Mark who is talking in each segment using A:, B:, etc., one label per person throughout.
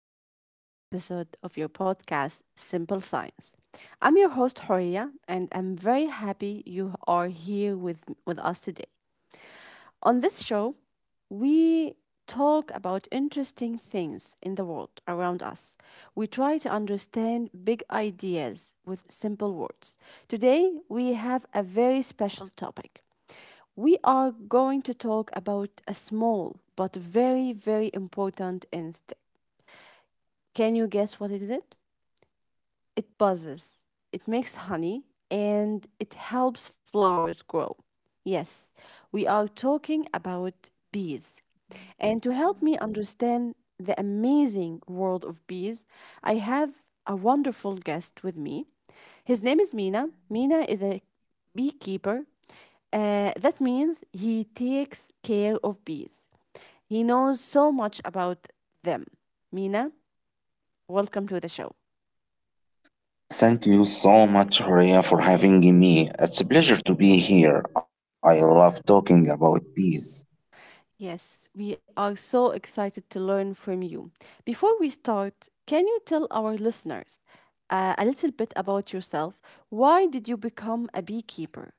A: back to a new episode of your podcast, Simple Science. I'm your host, Horia, and I'm very happy you are here with us today. On this show, we talk about interesting things in the world around us. We try to understand big ideas with simple words. Today, we have a very special topic. We are going to talk about a small but very, very important instinct. Can you guess what is it? It buzzes, it makes honey, and it helps flowers grow. Yes, we are talking about bees. And to help me understand the amazing world of bees, I have a wonderful guest with me. His name is Mina. Mina is a beekeeper. That means he takes care of bees. He knows so much about them. Mina, welcome to the show.
B: Thank you so much, Horia, for having me. It's a pleasure to be here. I love talking about peace.
A: Yes, we are so excited to learn from you. Before we start, can you tell our listeners a little bit about yourself? Why did you become a beekeeper?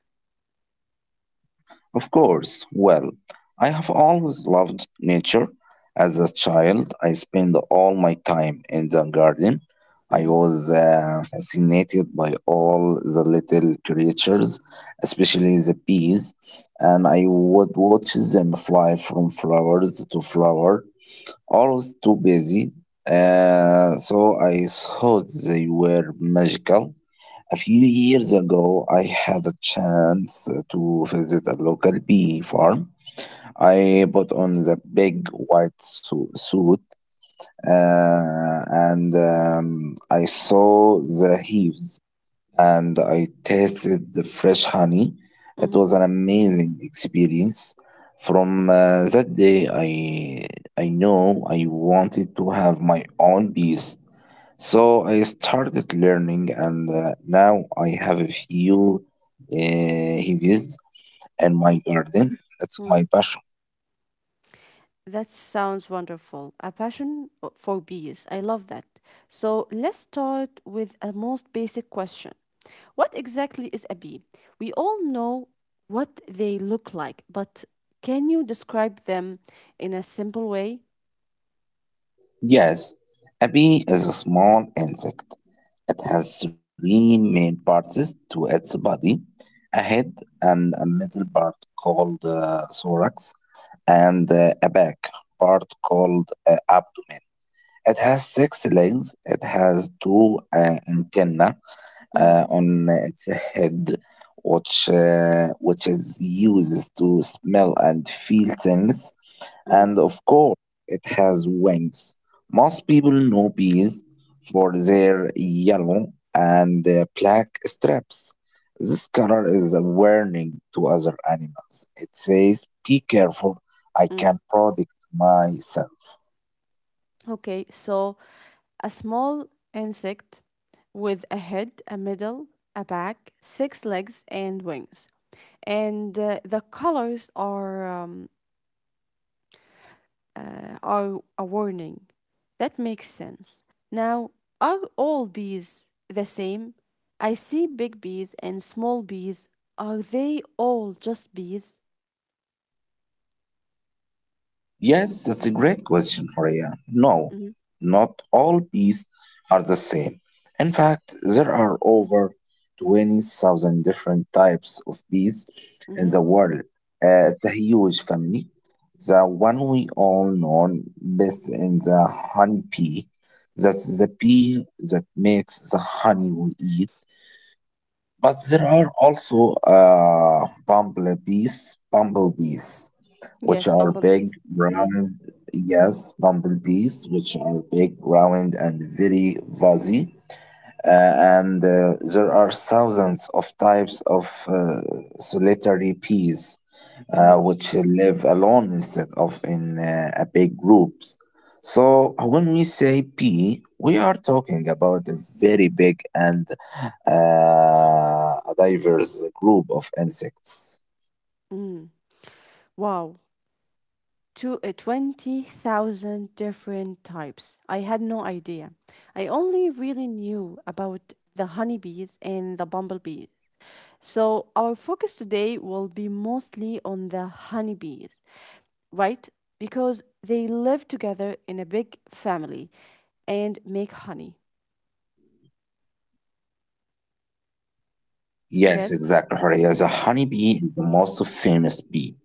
B: Of course, well, I have always loved nature. As a child, I spent all my time in the garden. I
A: hmm
B: was fascinated by all the little creatures, especially the bees, and I would watch them fly from flowers to flower always too busy. So I thought they were magical. A few years ago, I had a chance to visit a local bee farm. I put on the big white suit and I saw the hives and I tasted the fresh honey. It
A: hmm
B: was an amazing experience. From that day, I know I wanted to have my own bees. So I started learning, and now I have a few hives in my garden. That's
A: hmm
B: my passion.
A: That sounds wonderful. A passion for bees. I love that. So let's start with a most basic question. What exactly is a bee? We all know what they look like, but can you describe them in a simple way?
B: Yes, a bee is a small insect. It has three main parts to its body: a head, and a middle part called thorax, and a back part called abdomen. It has six legs. It has two antennae
A: Mm.
B: on its head, which which is used to smell and feel things.
A: Mm,
B: And of course, it has wings. Most people know bees for their yellow and black stripes. This color is a warning to other animals. It says, be careful, I
A: mm.
B: can protect myself.
A: Okay, so a small insect with a head, a middle, a back, six legs, and wings. And the colors are a warning. That makes sense. Now, are all bees the same? I see big bees and small bees. Are they all just bees?
B: Yes, that's a
A: Mm,
B: great question, Horea. No,
A: Mm-hmm.
B: not all bees are the same. In fact, there are over 20,000 different types of bees
A: Mm-hmm.
B: in the world. It's a huge family. The one we all know best in the honeybee. That's the bee that makes the honey we eat. But there are also bumblebees which
A: Yes,
B: are
A: bumblebees. Mm-hmm.
B: bumblebees, which are big, round, and very fuzzy. And There are thousands of types of solitary bees,
A: Mm,
B: which live alone instead of in a big groups. So when we say bee, we are talking about a very big and a diverse group of insects.
A: mm, mm. Wow. to 20,000 different types. I had no idea. I only really knew about the honeybees and the bumblebees. So, our focus today will be mostly on the honeybees, right? Because they live together in a big family and make honey.
B: Yes,
A: Yes?
B: exactly, Horea. The honeybee is the most famous bee,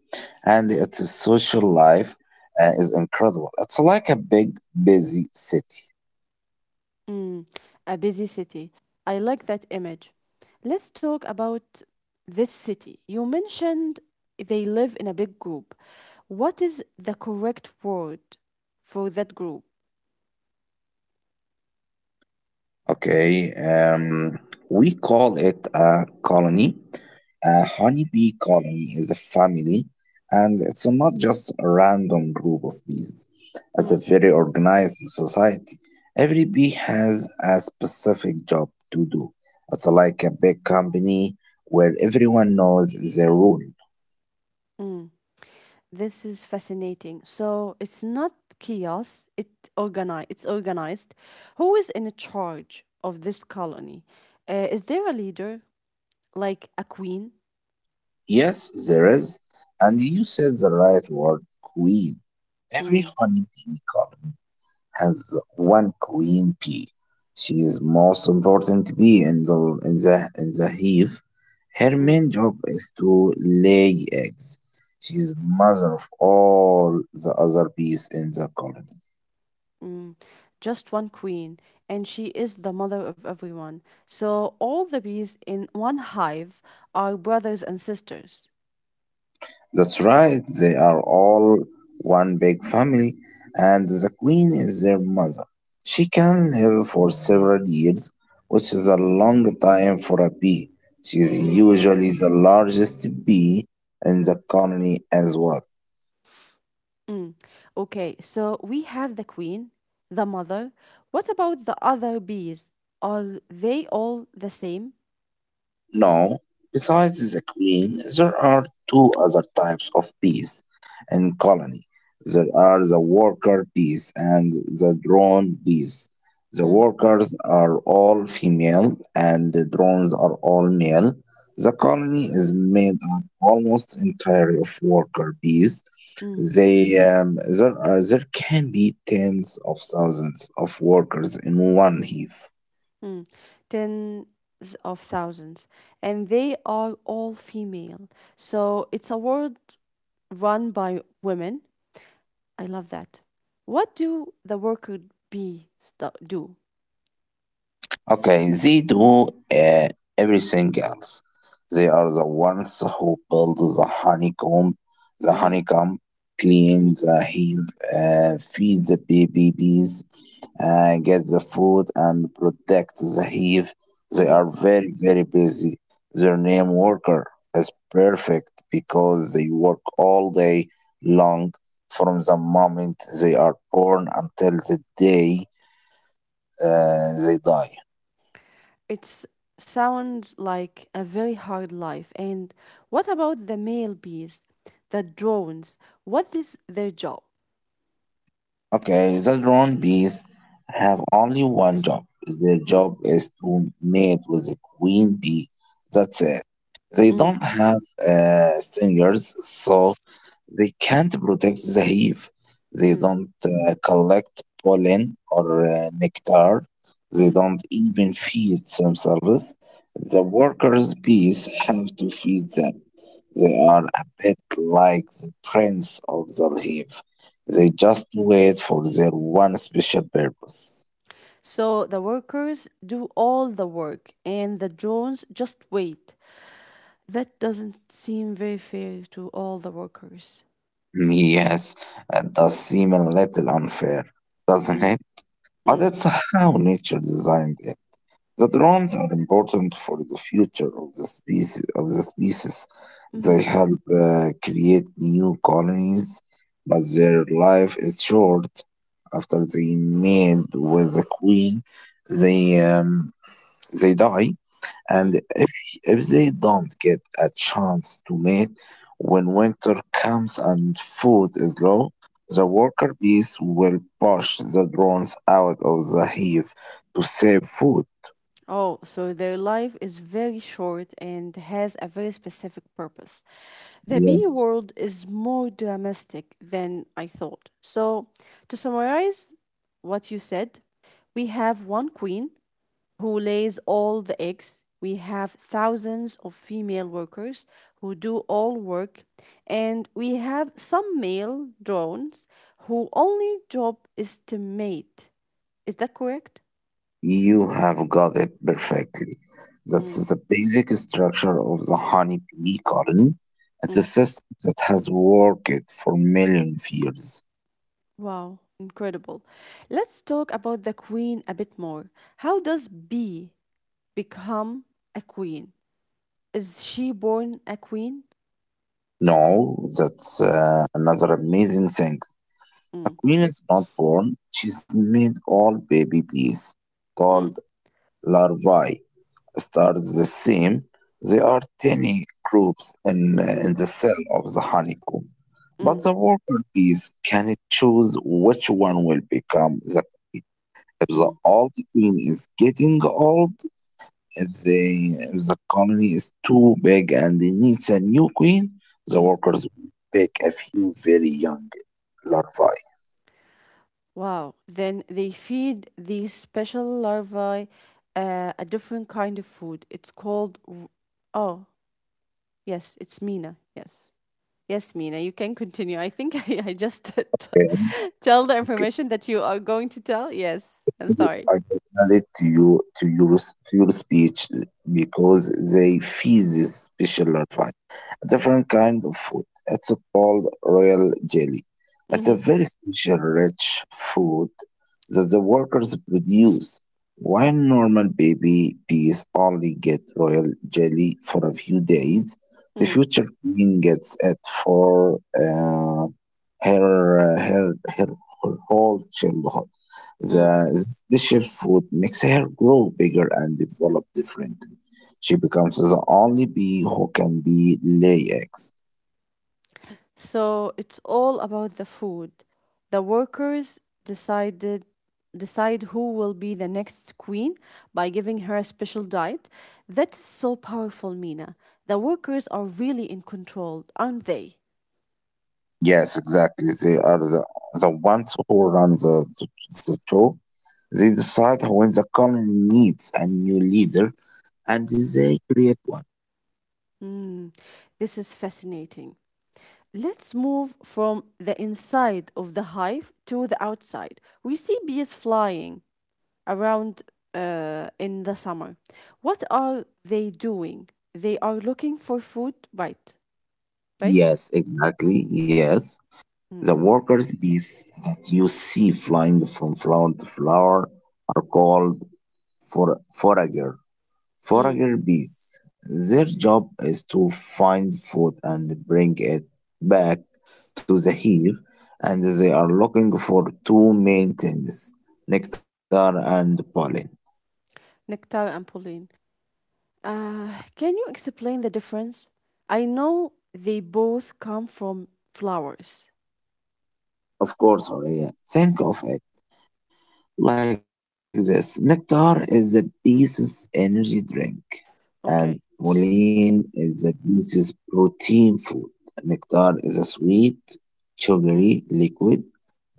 B: and
A: Hmm.
B: its social life is incredible. It's like a big, busy city.
A: Mm, a busy city. I like that image. Let's talk about this city. You mentioned they live in a big group. What is the correct word for that group?
B: Okay, we call it a colony. A honeybee colony is a family, and it's not just a random group of bees. It's a
A: Mm,
B: very organized society. Every bee has a specific job to do. It's like a big company where everyone knows their role.
A: mm. This is fascinating. So it's not chaos, it's organized. Who is in charge of this colony? Is there a leader, like a queen?
B: Yes, there is, and you said the right word: queen. Every
A: Mm,
B: honeybee colony has one queen bee. She is most important bee in the in the hive. Her
A: mm.
B: main job is to lay eggs. She is mother of all the other bees in the colony.
A: Mm, just one queen, and she is the mother of everyone. So all the bees in one hive are brothers and sisters.
B: That's right, they are all one big family, and the queen is their mother. She can live for several years, which is a
A: Mm,
B: long time for a bee. She is
A: mm,
B: usually the largest bee in the colony as well.
A: mm. Okay, so we have the queen, the mother. What about the other bees? Are they all the same?
B: No, besides the queen, there are two other types of bees in colony. There are the worker bees and the drone bees. The
A: Mm,
B: workers are all female and the drones are all male. The colony is made up almost entirely of worker bees.
A: mm,
B: There can be tens of thousands of workers in one hive.
A: mm. Tens of thousands, and they are all female. So it's a world run by women. I love that. What do the do?
B: Okay, they do uh, everything else. They are the ones who build the honeycomb, the
A: Hmm
B: honeycomb,
A: hmm
B: clean the hive, feed the baby bees, get the food, and protect the hive. They
A: hmm
B: are very, very busy. Their name worker is perfect because they work all day long from the moment they are born until the day they die.
A: It sounds like a very hard life. And what about the male bees, the drones? What is their job?
B: Okay, the drone bees have only one job. Their
A: Mm,
B: job is to mate with the queen bee. That's it. They
A: mm,
B: don't have stingers, so they can't protect the hive. They
A: mm,
B: don't collect pollen or nectar. They
A: mm,
B: don't even feed themselves. The workers' bees have to feed them. They are a bit like the prince of the hive. They
A: mm.
B: just wait for their one special purpose.
A: So the workers do all the work and the drones just wait. That doesn't seem very fair to all the workers.
B: Yes, it does seem a little unfair, doesn't
A: Mm,
B: it? But
A: mm,
B: it's how nature designed it. The drones are important for the future of the species,
A: mhm,
B: they help create new colonies, but their life is short. After they mate with the queen, they um, they die.
A: mm.
B: And if they don't get a chance to mate when winter comes and food is low, the worker bees will push the drones out of the hive to save food.
A: Oh, so their life is very short and has a very specific purpose. The bee
B: Yes.
A: world is more domestic than I thought. So, to summarize what you said, we have one queen who lays all the eggs. We have thousands of female workers who do all work. And we have some male drones who only job is to mate. Is that correct?
B: You have got it perfectly.
A: Mm,
B: That's the basic structure of the honeybee colony. It's a
A: mm.
B: system that has worked for millions of years.
A: Wow, incredible. Let's talk about the queen a bit more. How does B become a queen? Is she born a queen?
B: No, that's another amazing thing. A
A: Mm,
B: queen is not born, she's made. All baby bees called
A: mm,
B: larvae start the same. There are tiny groups
A: mm,
B: in the cell of the honeycomb, but
A: mm,
B: the worker bees can choose which one will become the queen. If the
A: mm,
B: old queen is getting old, if the colony is too big and it needs a new queen, the
A: mm.
B: workers will pick a few very young larvae.
A: Wow. Then they feed these special larvae a different kind of food. Oh, yes, it's Mina. Yes. Yes, Mina, you can continue. I think I just
B: Okay.
A: tell the information that you are going to tell. Yes, I'm
B: Okay.
A: sorry.
B: I will to your speech because they feed this special larvae a different kind of food. It's called royal jelly. It's
A: Mm-hmm.
B: a very special, rich food that the workers produce. While normal baby bees only get royal jelly for a few days, the
A: Mm,
B: future queen gets it for her, her whole childhood.
A: mm.
B: The special food makes her grow bigger and develop differently. She becomes the only bee who can be lay eggs.
A: So it's all about the food. The workers decided decide who will be the next queen by giving her a special diet. That is so powerful, Mina. The workers are really in control, aren't they?
B: Yes, exactly. They are the ones who run the show. They decide when the colony needs a new leader and they create one.
A: Mm, this is fascinating. Let's move from the inside of the hive to the outside. We see bees flying, around in the summer. What are they doing? They are looking for food, right?
B: Yes, exactly. Yes.
A: Mm.
B: The workers' bees that you see flying from flower to flower are called forager.
A: Mm.
B: Forager bees. Their job is to find food and bring it back to the hive, and they are looking for two main things: nectar and pollen.
A: Nectar and Pauline. Uh, can you explain the difference? I know they both come from flowers.
B: Of course, Horia, think of it like this. Nectar is a Beast's energy drink,
A: Okay.
B: and Moline is a Beast's protein food. Nectar is a sweet,
A: Mm.
B: sugary liquid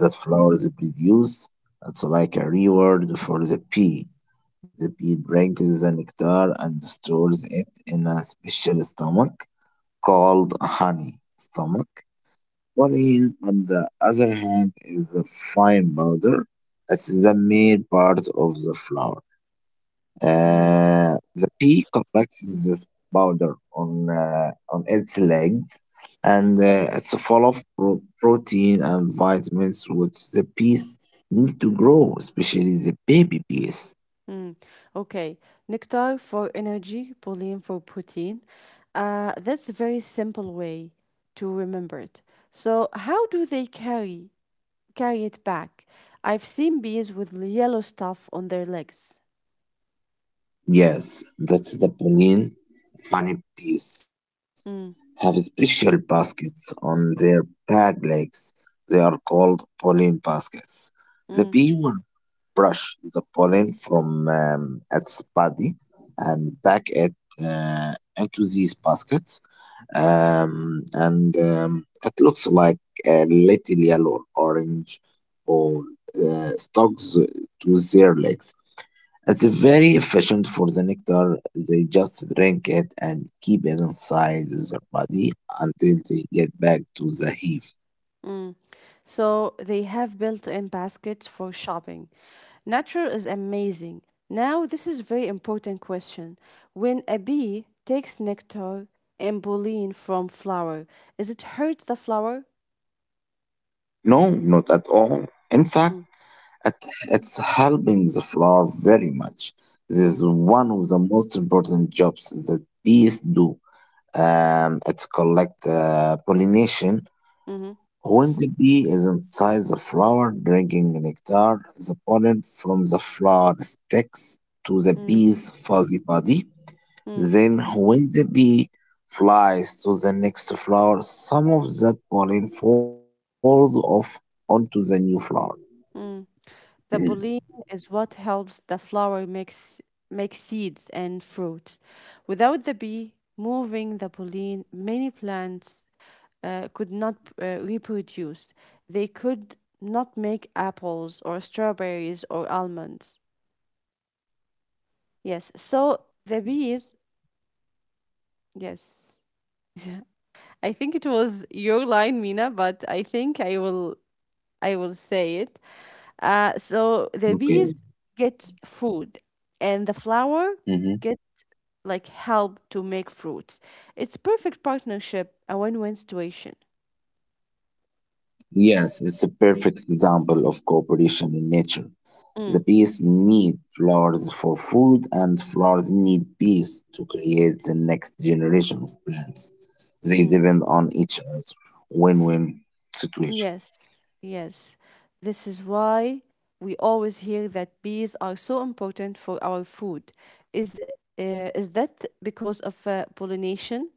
B: that flowers produce. It's like a reward for the bee. The bee drinks the nectar and stores it in a special stomach called honey stomach. Valine, on the other hand, is the fine powder. It's the main part of the flower.
A: Mm.
B: The pea collects this powder on its legs, and
A: Mm.
B: it's full of protein and vitamins which the peas need to grow, especially the baby peas.
A: Mm. Okay. Nectar for energy, Pauline for protein. That's a very simple way to remember it. So, how do they carry carry it back. I've seen bees with yellow stuff on their legs.
B: Yes, that's the Berlin. Honeybees
A: Mm,
B: have special baskets on their back legs. They are called pollen baskets. The
A: mm,
B: bee will brush the pollen from its body and back it uh, into these baskets, and it looks like a little yellow or orange ball stuck to their legs. It's very efficient. For the nectar, they just drink it and keep it inside their body until they get back to the hive.
A: mm. So they have built in baskets for shopping. Nature is amazing. Now, this is very important question. When a bee takes nectar and pollen from flower, is it hurt the flower?
B: No, not at all. In fact,
A: Mm,
B: it, it's helping the flower very much. This is
A: mm,
B: one of the most important jobs that bees do. It's collect pollination.
A: mhm,
B: When the bee is inside the flower drinking nectar, the pollen from the flower sticks to the
A: mm,
B: bee's fuzzy body.
A: mm,
B: Then, when the bee flies to the next flower, some of that pollen falls off onto the new flower.
A: mm.
B: Mhm.
A: The pollen is what helps the flower mix make seeds and fruits. Without the bee moving the pollen, many plants could not reproduce. They could not make apples or strawberries or almonds. Yes, so the bees, yes. I think it was your line, Mina, but I will say it. So the
B: Okay.
A: bees get food, and the flower get like help to make fruits. It's perfect partnership, a win-win situation.
B: Yes, it's a perfect example of cooperation in nature. The
A: Mm,
B: bees need flowers for food, and flowers need bees to create the next generation of plants. They
A: mm.
B: depend on each other. Win win situation.
A: Yes, yes. This is why we always hear that bees are so important for our food. Is is that because of pollination?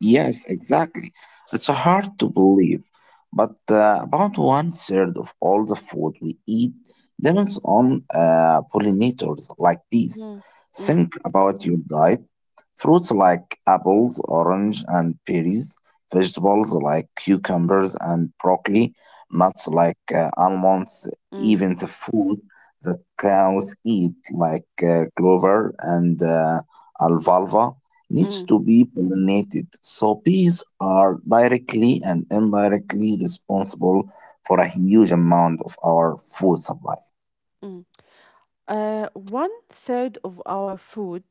B: Yes, exactly. It's hard to believe, but about one third of all the food we eat depends on pollinators like bees.
A: Mm, mm,
B: Think about your diet. Fruits like apples, orange, and berries, vegetables like cucumbers and broccoli, nuts like almonds,
A: mm,
B: even the food that cows eat like clover and alfalfa needs
A: mm,
B: to be pollinated. So bees are directly and indirectly responsible for a huge amount of our food supply.
A: mm. One third of our food.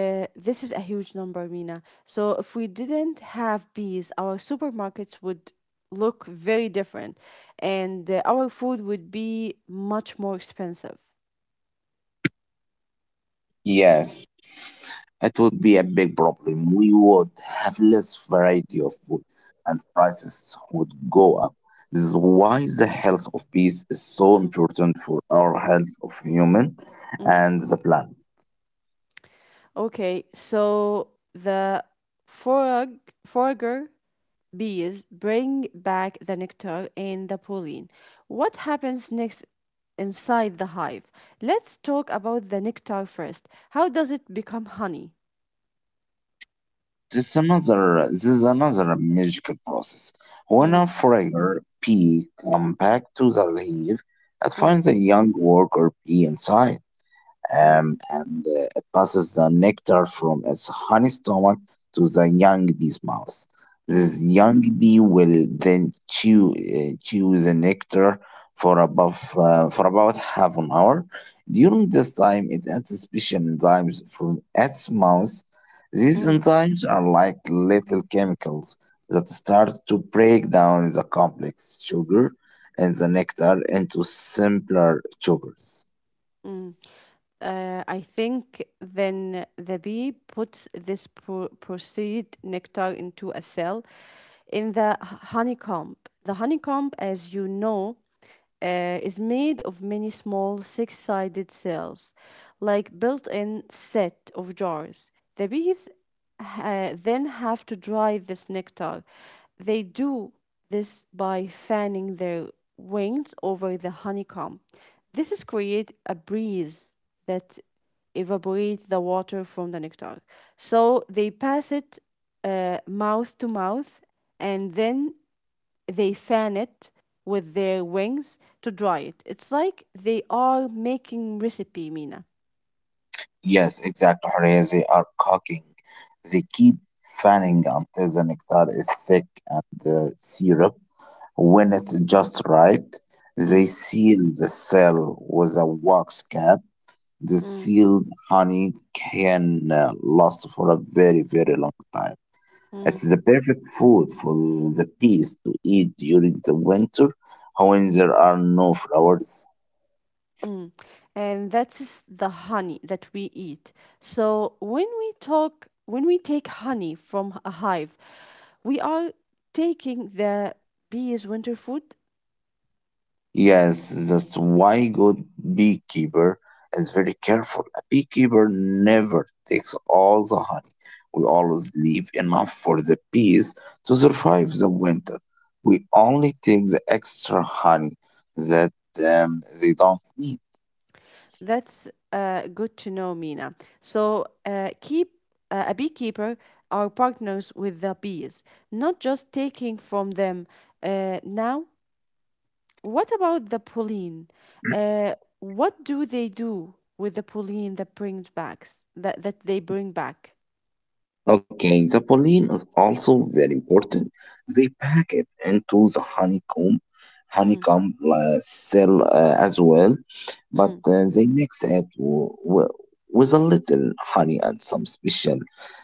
A: This is a huge number, Mina. So if we didn't have bees, our supermarkets would look very different, and our food would be much more expensive.
B: Yes, it would be a big problem. We would have less variety of food and prices would go up. This is why the health of bees is so important for
A: Mm,
B: our health of human and the planet.
A: mm. Okay, so the forag forager bees bring back the nectar and the pollen. What happens next inside the hive? Let's talk about the nectar first. How does it become honey?
B: This is another magical process. When a
A: Mm,
B: fryer bee comes back to the leaf, it
A: mm,
B: finds a young worker bee inside,
A: mm,
B: and it passes the nectar from its honey stomach to the young bee's mouth.
A: mm.
B: This young bee will then chew the nectar for for about half an hour. During this time, it adds special enzymes from its mouth. These
A: Mm,
B: enzymes are like little chemicals that start to break down the complex sugar in the nectar into simpler sugars.
A: mm. I think then the bee puts this proceed nectar into a cell in the honeycomb. The honeycomb, as you know, is made of many small six sided cells, like built in set of jars. The bees then have to dry this nectar. They do this by fanning their wings over the honeycomb. This is create a breeze that evaporate the water from the nectar. So they pass it mouth to mouth and then they fan it with their wings to dry it. It's like they are making recipe, Mina.
B: Yes, exactly, Horea. They are cooking. They keep fanning until the nectar is thick and the syrup. When it's just right, they
A: Mm,
B: seal the cell with a wax cap. The
A: mm,
B: sealed honey can last for a very, very long time. It's
A: mm.
B: the perfect food for the bees to eat during the winter when there are no flowers.
A: Mm. And that's the honey that we eat. When we take honey from a hive, we are taking the bees' winter food.
B: Yes, that's why good beekeeper is very careful. A beekeeper never takes all the honey. We always leave enough for the bees to survive the winter. We only take the extra honey that they don't need.
A: That's good to know, Mina. So keep a beekeeper are partners with the bees, not just taking from them. Now, what about the pollen? Uh, what do they do with the pollen that they bring back?
B: Okay, the pollen is also very important. They pack it into the honeycomb,
A: Mm,
B: cell as well, but
A: mm,
B: they mix it with a little honey and some special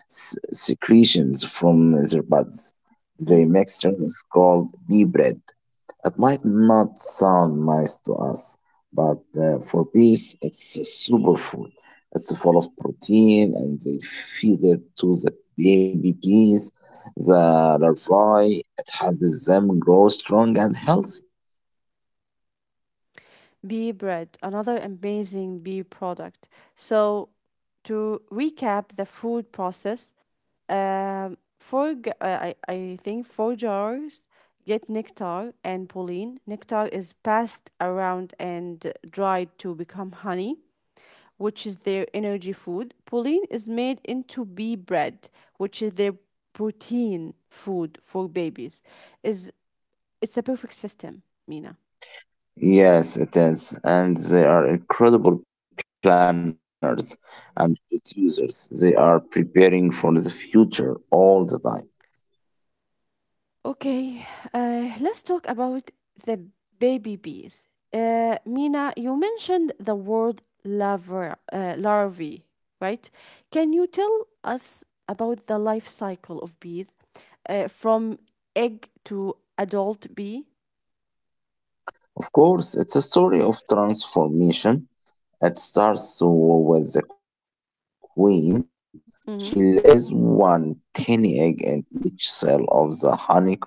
B: secretions from their buds. The
A: mm.
B: mixture is called bee bread. It might not sound nice to us, but for bees, it's a superfood. It's full of protein, and they feed it to the baby bees, the larvae. It helps them grow strong and healthy.
A: Bee bread, another amazing bee product. So, to recap the food process, four, g- I think four jars get nectar and pollen. Nectar is passed around and dried to become honey which is their energy food. Pollen is made into bee bread, which is their protein food for babies. Is it's a perfect system, Mina.
B: Yes, it is, and they are incredible planners and producers. They are preparing for the future all the time.
A: Okay, let's talk about the baby bees. Mina, you mentioned the word larvae, right? Can you tell us about the life cycle of bees from egg to adult bee?
B: Of course, it's a story of transformation. It starts with the queen. She lays
A: Mm-hmm,
B: one tiny egg in each cell of the honeycomb.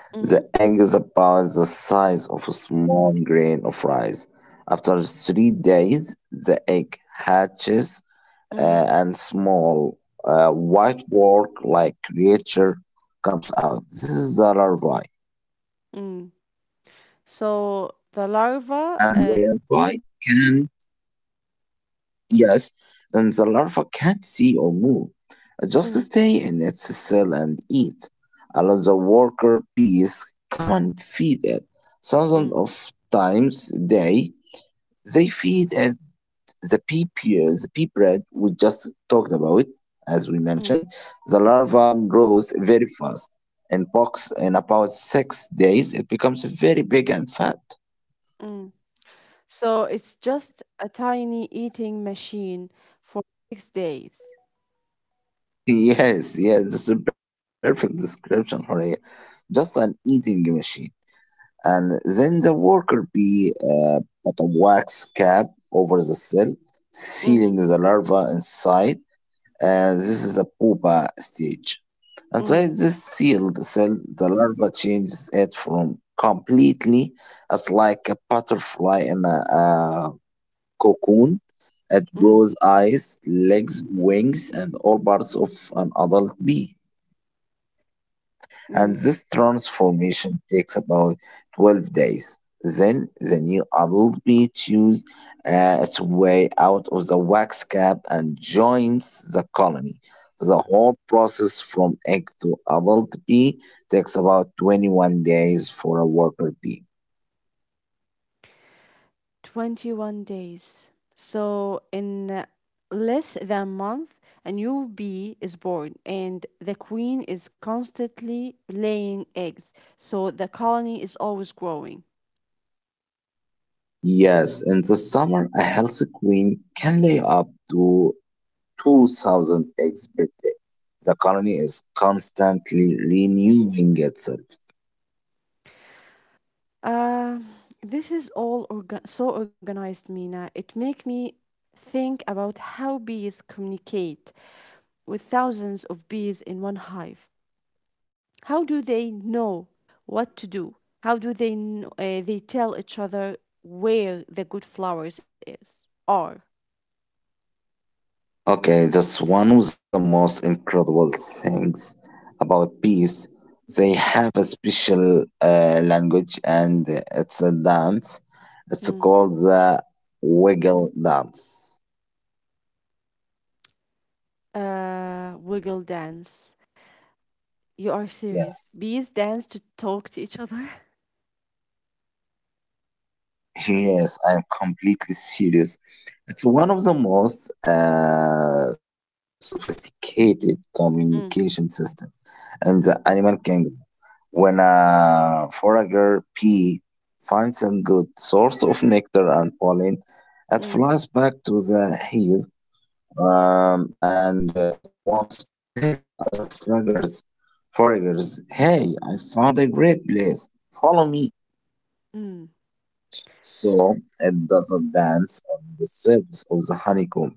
B: The
A: mm-hmm,
B: egg is about the size of a small grain of rice. After 3 days, the egg hatches, uh,
A: mm-hmm,
B: and small white work like creature comes out. This is the larvae,
A: mm. So the
B: and the larvae can Yes, and the larva can't see or move. Just
A: mm-hmm,
B: stay in its cell and eat. Allow the worker bees come and feed it. Thousands
A: mm,
B: of times a day, they feed it the pea bread we just talked about, as we
A: mm,
B: mentioned. The larva grows very fast. In about 6 days, it becomes very big and fat.
A: mm. So it's just a tiny eating machine for 6 days.
B: Yes, yes, this is a perfect description, Horea. Just an eating machine. And then the worker bee put a wax cap over the cell,
A: Mhm.
B: sealing the larva inside. This is a pupa stage. Inside
A: Mm,
B: this sealed cell, the larva changes it from completely, as like a butterfly in a cocoon. It
A: mm,
B: grows eyes, legs, wings, and all parts of an adult bee. And
A: mm.
B: this transformation takes about 12 days. Then the new adult bee chews its way out of the wax cap and joins the colony. The whole process from egg to adult bee takes about 21 days for a worker bee.
A: 21 days. So in less than a month, a new bee is born, and the queen is constantly laying eggs. So the colony is always growing.
B: Yes, in the summer, a healthy queen can lay up to 2,000 eggs per day. The colony is constantly renewing itself.
A: Uh, this is all so organized, Mina. It make me think about how bees communicate with thousands of bees in one hive. How do they know what to do? How do they tell each other where the good flowers is are?
B: Okay, that's one of the most incredible things about peace. They have a special language, and it's a dance. It's
A: Hmm.
B: called the wiggle dance.
A: Wiggle dance. You are serious.
B: Yes,
A: Bees dance to talk to each other.
B: yes, I'm completely serious. It's one of the most sophisticated
A: Mm,
B: communication systems in the animal kingdom. When a forager bee finds a good source of nectar and pollen, it
A: mm,
B: flies back to the hive, and it wants to tell the other foragers, hey, I found a great place, follow me,
A: mm,
B: so it doesn't dance on the surface of the honeycomb.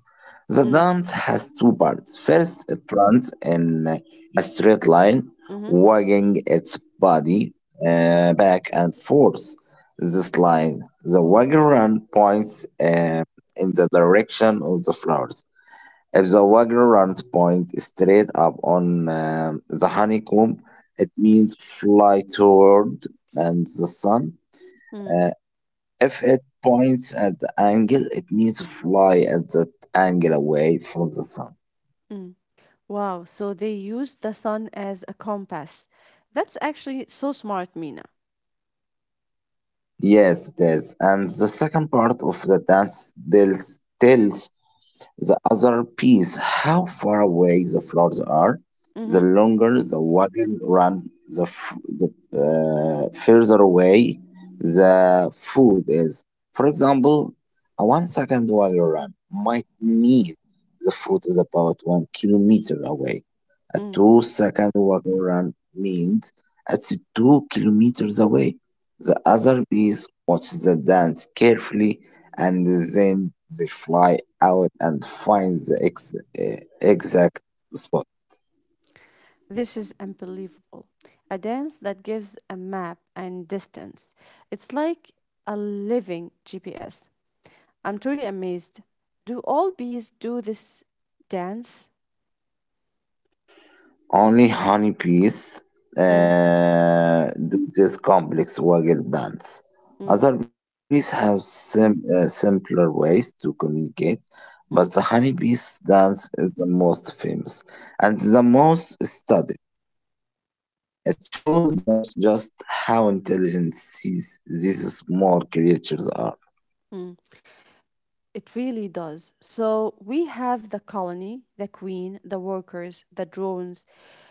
B: The
A: mm,
B: dance has two parts. First, it runs in a straight line,
A: mhm,
B: wagging its body back and forth. This line, the waggle run points in the direction of the flowers. If the waggle runs point straight up on the honeycomb, it means fly toward and the sun.
A: mm,
B: uh, if it points at the angle, it means fly at that angle away from the sun.
A: mm. Wow, so they use the sun as a compass. That's actually so smart, Mina.
B: Yes, it is. And the second part of the dance tells the other piece how far away the flowers are. The
A: Mm-hmm,
B: longer the wagon run, the, further away the food is. For example, a 1 second wagon run might mean the food is about 1 kilometer away. A 2 second wagon run means it's 2 kilometers away. The other bees watch the dance carefully and then they fly out and find the exact spot.
A: This is unbelievable. A dance that gives a map and distance. It's like a living GPS. I'm truly amazed. Do all bees do this dance?
B: Only honeybees
A: Mm,
B: do this complex waggle dance.
A: mm,
B: Other bees have simpler ways to communicate,
A: mm,
B: but the honeybees dance is the most famous and the most studied. It shows us just how intelligent these small creatures are.
A: mm. It really does. So we have the colony, the queen, the workers, the drones.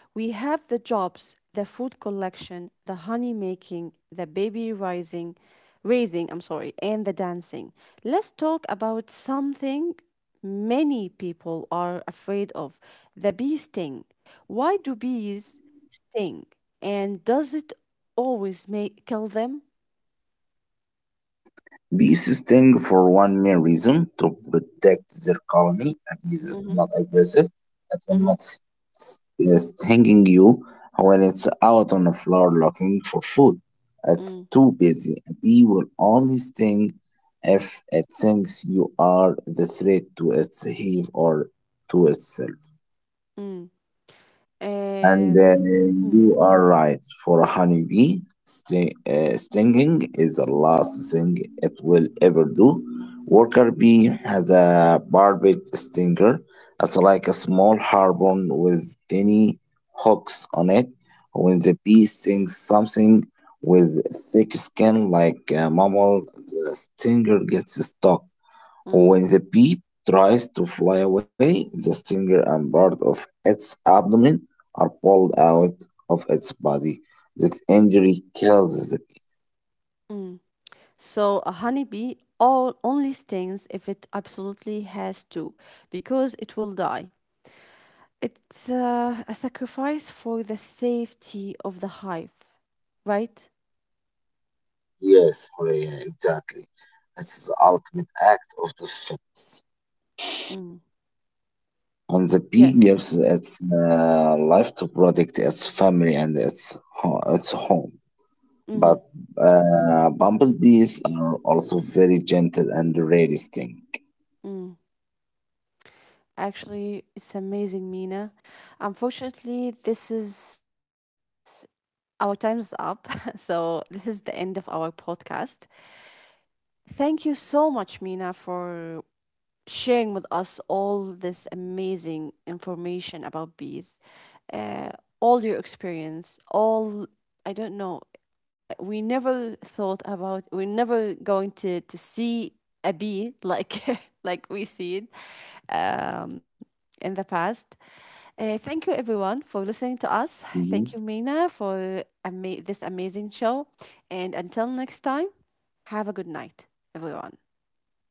A: We have the jobs, the food collection, the honey making, the raising, I'm sorry, and the dancing. Let's talk about something many people are afraid of, the bee sting. Why do bees sting? And does it always make kill them?
B: Bees sting for one main reason to protect their colony, and this is
A: Mm-hmm.
B: not aggressive. It will
A: Mm-hmm.
B: not s- stinging you when it's out on the floor looking for food. It's
A: Mm-hmm.
B: too busy. A bee will only sting if it thinks you are the threat to its hive or to itself.
A: mm.
B: And
A: Um, mm.
B: you are right. For a honeybee, stinging is the last thing it will ever do. Worker bee has a barbed stinger. It's like a small harpoon with tiny hooks on it. When the bee stings something with thick skin like a mammal, the stinger gets stuck.
A: Mm,
B: When the bee tries to fly away, the stinger and part of its abdomen are pulled out of its body. This injury kills the bee.
A: mm. So a honeybee all only stings if it absolutely has to, because it will die. It's a sacrifice for the safety of the hive, right?
B: Yes, Horea, exactly. It's the ultimate act of defense.
A: Mm.
B: And the bee
A: Yes.
B: gives its life to protect its family and its, its home.
A: Mm-hmm.
B: But bumblebees are also very gentle and rarely sting.
A: Mm. Actually, it's amazing, Mina. Unfortunately, this is our time's up. So this is the end of our podcast. Thank you so much, Mina, for sharing with us all this amazing information about bees, uh, all your experience, all I don't know. We never thought about we're never going to see a bee like like we see it um, in the past. Thank you everyone
B: Mhm.
A: for listening to us. Thank you Mina for this amazing show, and until next time, have a good night, everyone.
B: Thank you.